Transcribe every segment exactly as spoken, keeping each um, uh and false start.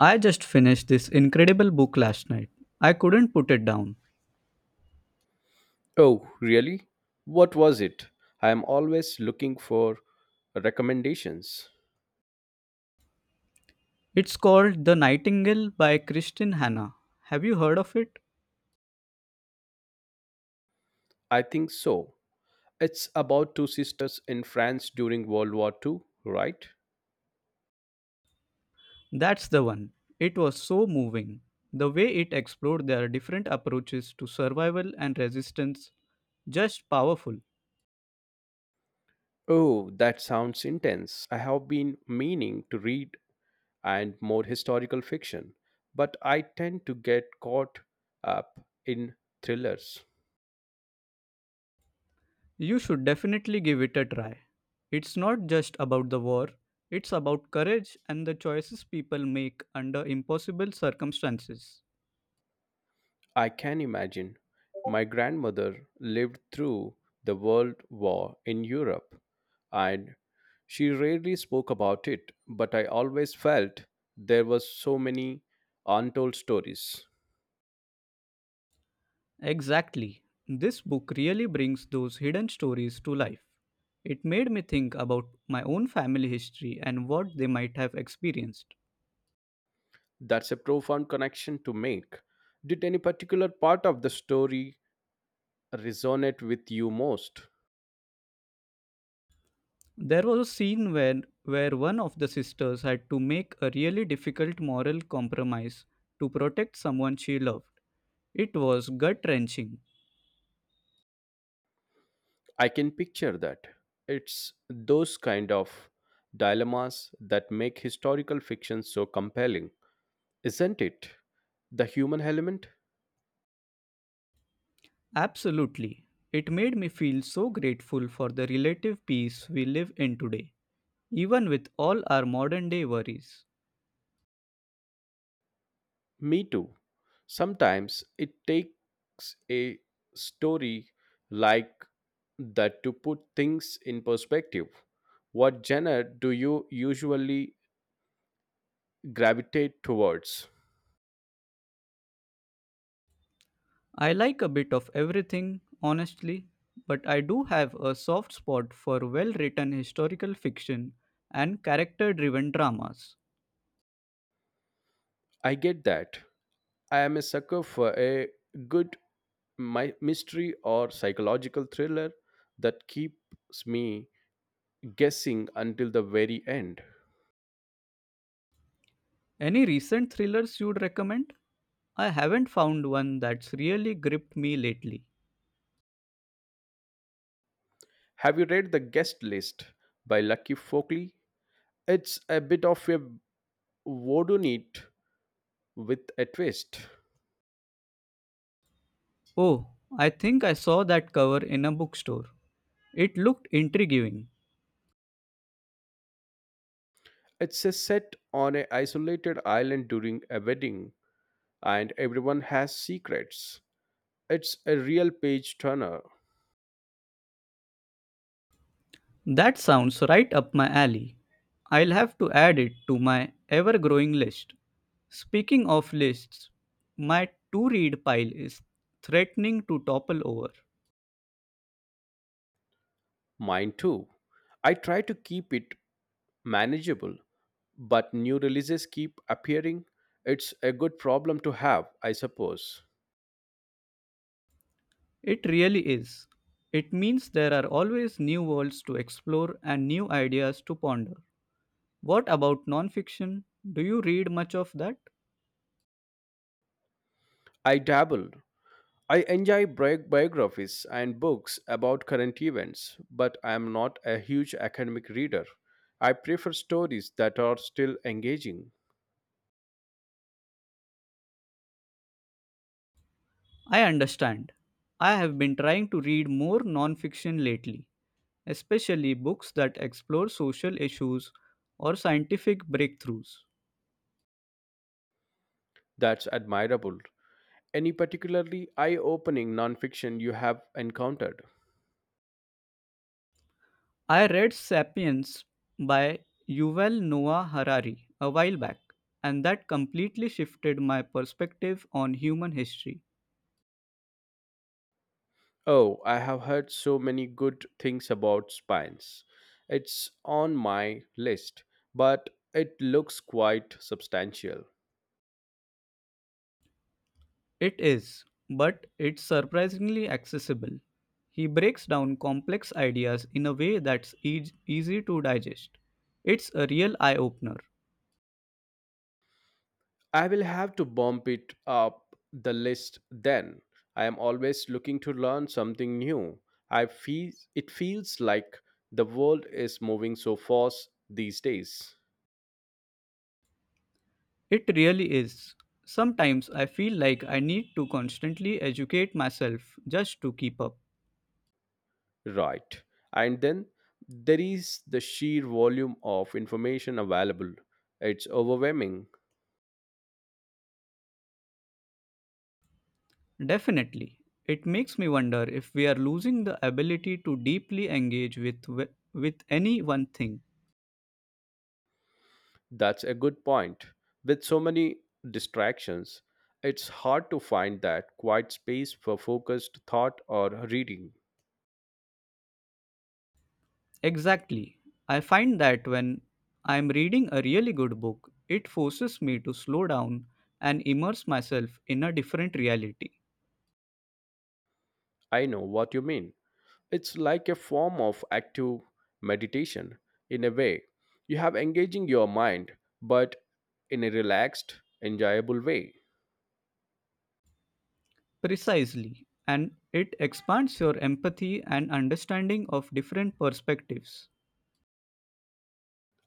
I just finished this incredible book last night. I couldn't put it down. Oh, really? What was it? I am always looking for recommendations. It's called The Nightingale by Kristin Hannah. Have you heard of it? I think so. It's about two sisters in France during World War Two, right? That's the one. It was so moving. The way it explored their different approaches to survival and resistance, just powerful. Oh, that sounds intense. I have been meaning to read and more historical fiction, but I tend to get caught up in thrillers. You should definitely give it a try. It's not just about the war, it's about courage and the choices people make under impossible circumstances. I can imagine. My grandmother lived through the World War in Europe, and she rarely spoke about it, but I always felt there was so many untold stories. Exactly. This book really brings those hidden stories to life. It made me think about my own family history and what they might have experienced. That's a profound connection to make. Did any particular part of the story resonate with you most? There was a scene where, where one of the sisters had to make a really difficult moral compromise to protect someone she loved. It was gut wrenching. I can picture that. It's those kind of dilemmas that make historical fiction so compelling. Isn't it? The human element? Absolutely. It made me feel so grateful for the relative peace we live in today, even with all our modern day worries. Me too. Sometimes it takes a story like that to put things in perspective. What genre do you usually gravitate towards? I like a bit of everything, honestly, but I do have a soft spot for well written historical fiction and character driven dramas. I get that. I am a sucker for a good my mystery or psychological thriller that keeps me guessing until the very end. Any recent thrillers you'd recommend? I haven't found one that's really gripped me lately. Have you read The Guest List by Lucky Folkley? It's a bit of a whodunit with a twist. Oh, I think I saw that cover in a bookstore. It looked intriguing. It's a set on an isolated island during a wedding, and everyone has secrets. It's a real page turner. That sounds right up my alley. I'll have to add it to my ever growing list. Speaking of lists, my to read pile is threatening to topple over. Mine too. I try to keep it manageable, but new releases keep appearing. It's a good problem to have, I suppose. It really is. It means there are always new worlds to explore and new ideas to ponder. What about nonfiction? Do you read much of that? I dabble, I enjoy bi- biographies and books about current events, but I am not a huge academic reader. I prefer stories that are still engaging. I understand. I have been trying to read more nonfiction lately, especially books that explore social issues or scientific breakthroughs. That's admirable. Any particularly eye opening nonfiction you have encountered? I read Sapiens by Yuval Noah Harari a while back, and that completely shifted my perspective on human history. Oh, I have heard so many good things about spines. It's on my list, but it looks quite substantial. It is, but it's surprisingly accessible. He breaks down complex ideas in a way that's eas- easy to digest. It's a real eye opener. I will have to bump it up the list then. I am always looking to learn something new. I feel it feels like the world is moving so fast these days. It really is. Sometimes I feel like I need to constantly educate myself just to keep up. Right. And then there is the sheer volume of information available. It's overwhelming. Definitely. It makes me wonder if we are losing the ability to deeply engage with wi- with any one thing. That's a good point. With so many distractions, it's hard to find that quiet space for focused thought or reading. Exactly. I find that when I am reading a really good book, it forces me to slow down and immerse myself in a different reality. I know what you mean. It's like a form of active meditation in a way. You have engaging your mind, but in a relaxed, enjoyable way. Precisely. And it expands your empathy and understanding of different perspectives.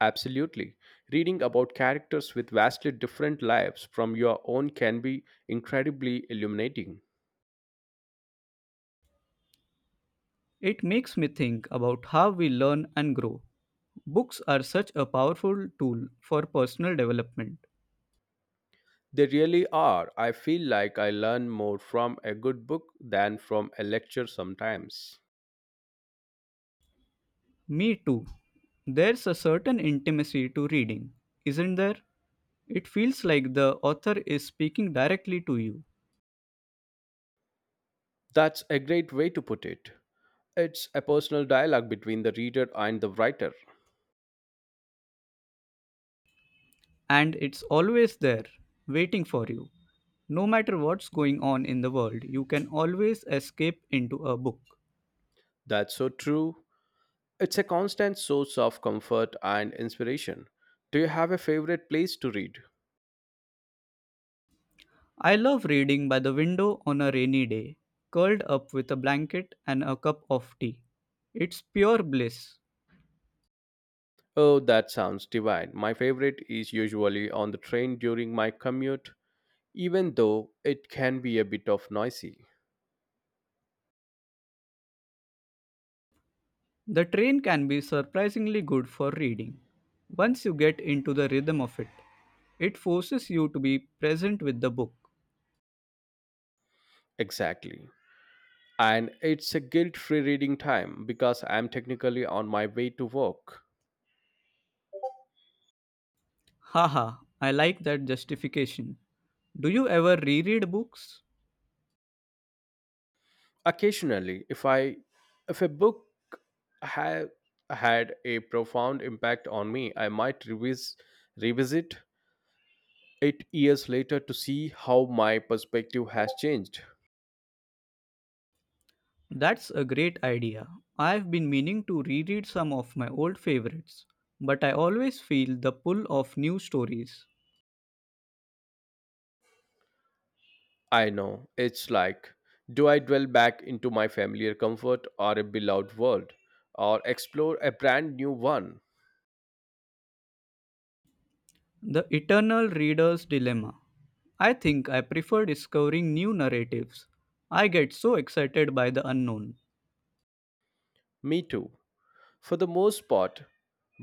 Absolutely. Reading about characters with vastly different lives from your own can be incredibly illuminating. It makes me think about how we learn and grow. Books are such a powerful tool for personal development. They really are. I feel like I learn more from a good book than from a lecture sometimes. Me too. There's a certain intimacy to reading, isn't there? It feels like the author is speaking directly to you, That's a great way to put it. It's a personal dialogue between the reader and the writer. and it's always there, waiting for you. No matter what's going on in the world, you can always escape into a book. That's so true. It's a constant source of comfort and inspiration. Do you have a favorite place to read? I love reading by the window on a rainy day, curled up with a blanket and a cup of tea. It's pure bliss. Oh, that sounds divine. My favorite is usually on the train during my commute, even though it can be a bit of noisy. The train can be surprisingly good for reading. Once you get into the rhythm of it, it forces you to be present with the book. Exactly. And it's a guilt free reading time because I'm technically on my way to work. Haha, I like that justification. Do you ever reread books? Occasionally, if I if a book have had a profound impact on me, I might revis- revisit it years later to see how my perspective has changed. That's a great idea. I've been meaning to reread some of my old favorites, but I always feel the pull of new stories. I know, it's like, do I dwell back into my familiar comfort or a beloved world, or explore a brand new one? The Eternal Reader's Dilemma. I think I prefer discovering new narratives. I get so excited by the unknown. Me too, for the most part,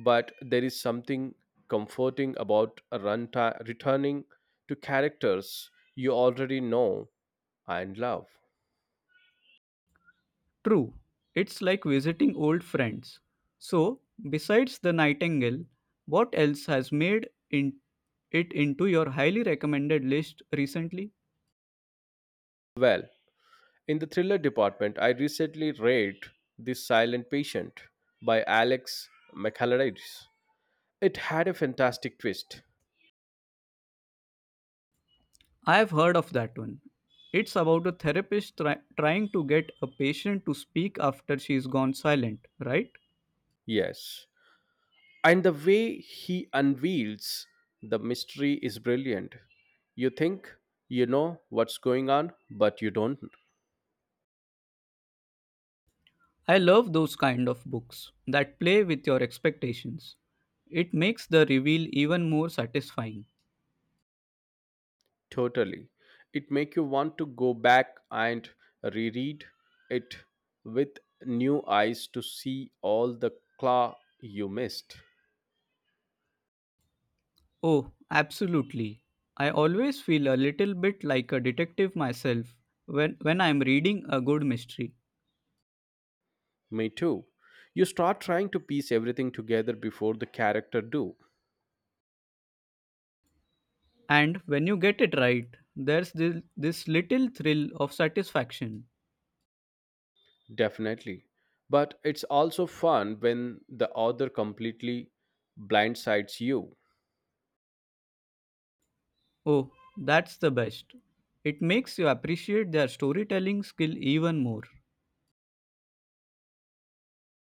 but there is something comforting about a run ti- returning to characters you already know and love. True, it's like visiting old friends. So, besides the Nightingale, what else has made in- it into your highly recommended list recently? Well, in the thriller department, I recently read The Silent Patient by Alex McAlladise. It had a fantastic twist, I have heard of that one. It's about a therapist try- trying to get a patient to speak after she's gone silent, right? yes, and the way he unveils the mystery is brilliant. You think you know what's going on, but you don't. I love those kind of books that play with your expectations. It makes the reveal even more satisfying. Totally. It make you want to go back and reread it with new eyes to see all the claw you missed. Oh, absolutely. I always feel a little bit like a detective myself when, when I'm reading a good mystery. Me too. You start trying to piece everything together before the character do. And when you get it right, there's this, this little thrill of satisfaction. Definitely. But it's also fun when the author completely blindsides you. Oh, that's the best. It makes you appreciate their storytelling skill even more.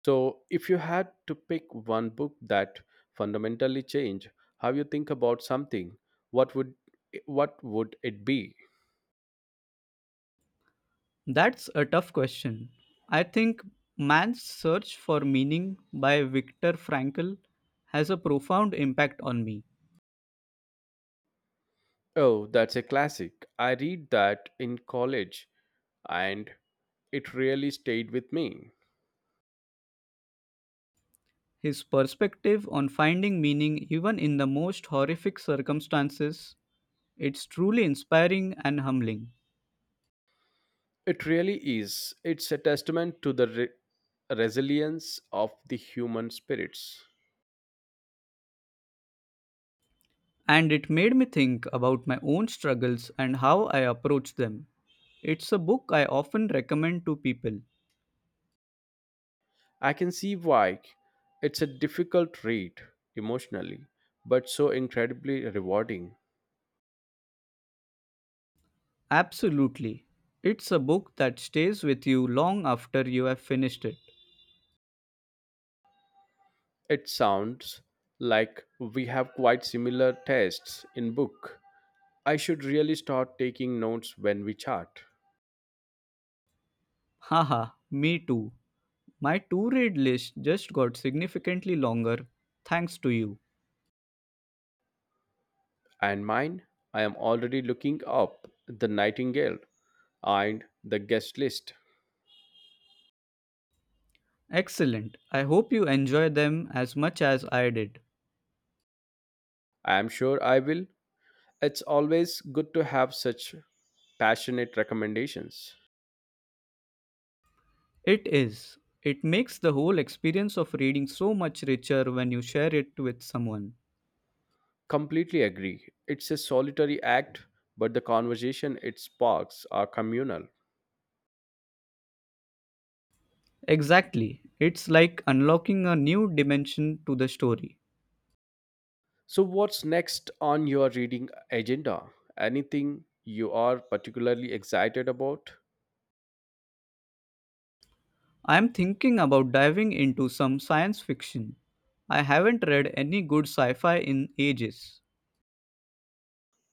So if you had to pick one book that fundamentally changed how you think about something, what would what would it be? That's a tough question. I think Man's Search for Meaning by Viktor Frankl has a profound impact on me. Oh, that's a classic. I read that in college and it really stayed with me. His perspective on finding meaning even in the most horrific circumstances, it's truly inspiring and humbling. It really is. It's a testament to the re- resilience of the human spirits. And it made me think about my own struggles and how I approach them. It's a book I often recommend to people. I can see why it's a difficult read emotionally, but so incredibly rewarding. Absolutely. It's a book that stays with you long after you have finished it. It sounds like we have quite similar tastes in book. I should really start taking notes when we chat. Haha, me too. My to read list just got significantly longer thanks to you. And mine, I am already looking up the Nightingale and the Guest List. Excellent. I hope you enjoy them as much as I did. I am sure I will. It's always good to have such passionate recommendations. It is. It makes the whole experience of reading so much richer when you share it with someone. Completely agree. It's a solitary act, but the conversation it sparks are communal. Exactly. It's like unlocking a new dimension to the story. So what's next on your reading agenda? Anything you are particularly excited about? I'm thinking about diving into some science fiction. I haven't read any good sci fi in ages.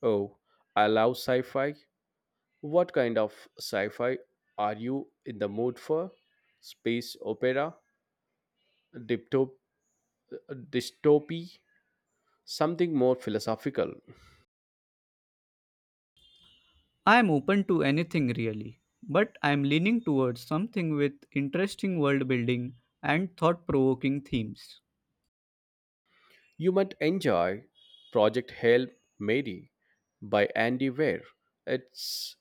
Oh, I love sci-fi. What kind of sci fi are you in the mood for? Space opera? Dipto- dystopy? Something more philosophical? I'm open to anything really, but I'm leaning towards something with interesting world building and thought provoking themes. You might enjoy Project Hail Mary by Andy Weir. It's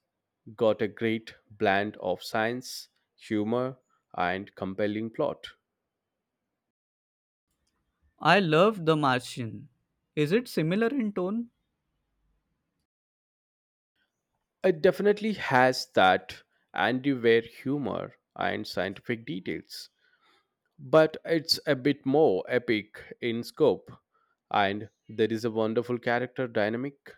got a great blend of science, humor, and compelling plot. I love The Martian. Is it similar in tone? It definitely has that Andy Weir humor and scientific details, but it's a bit more epic in scope, and there is a wonderful character dynamic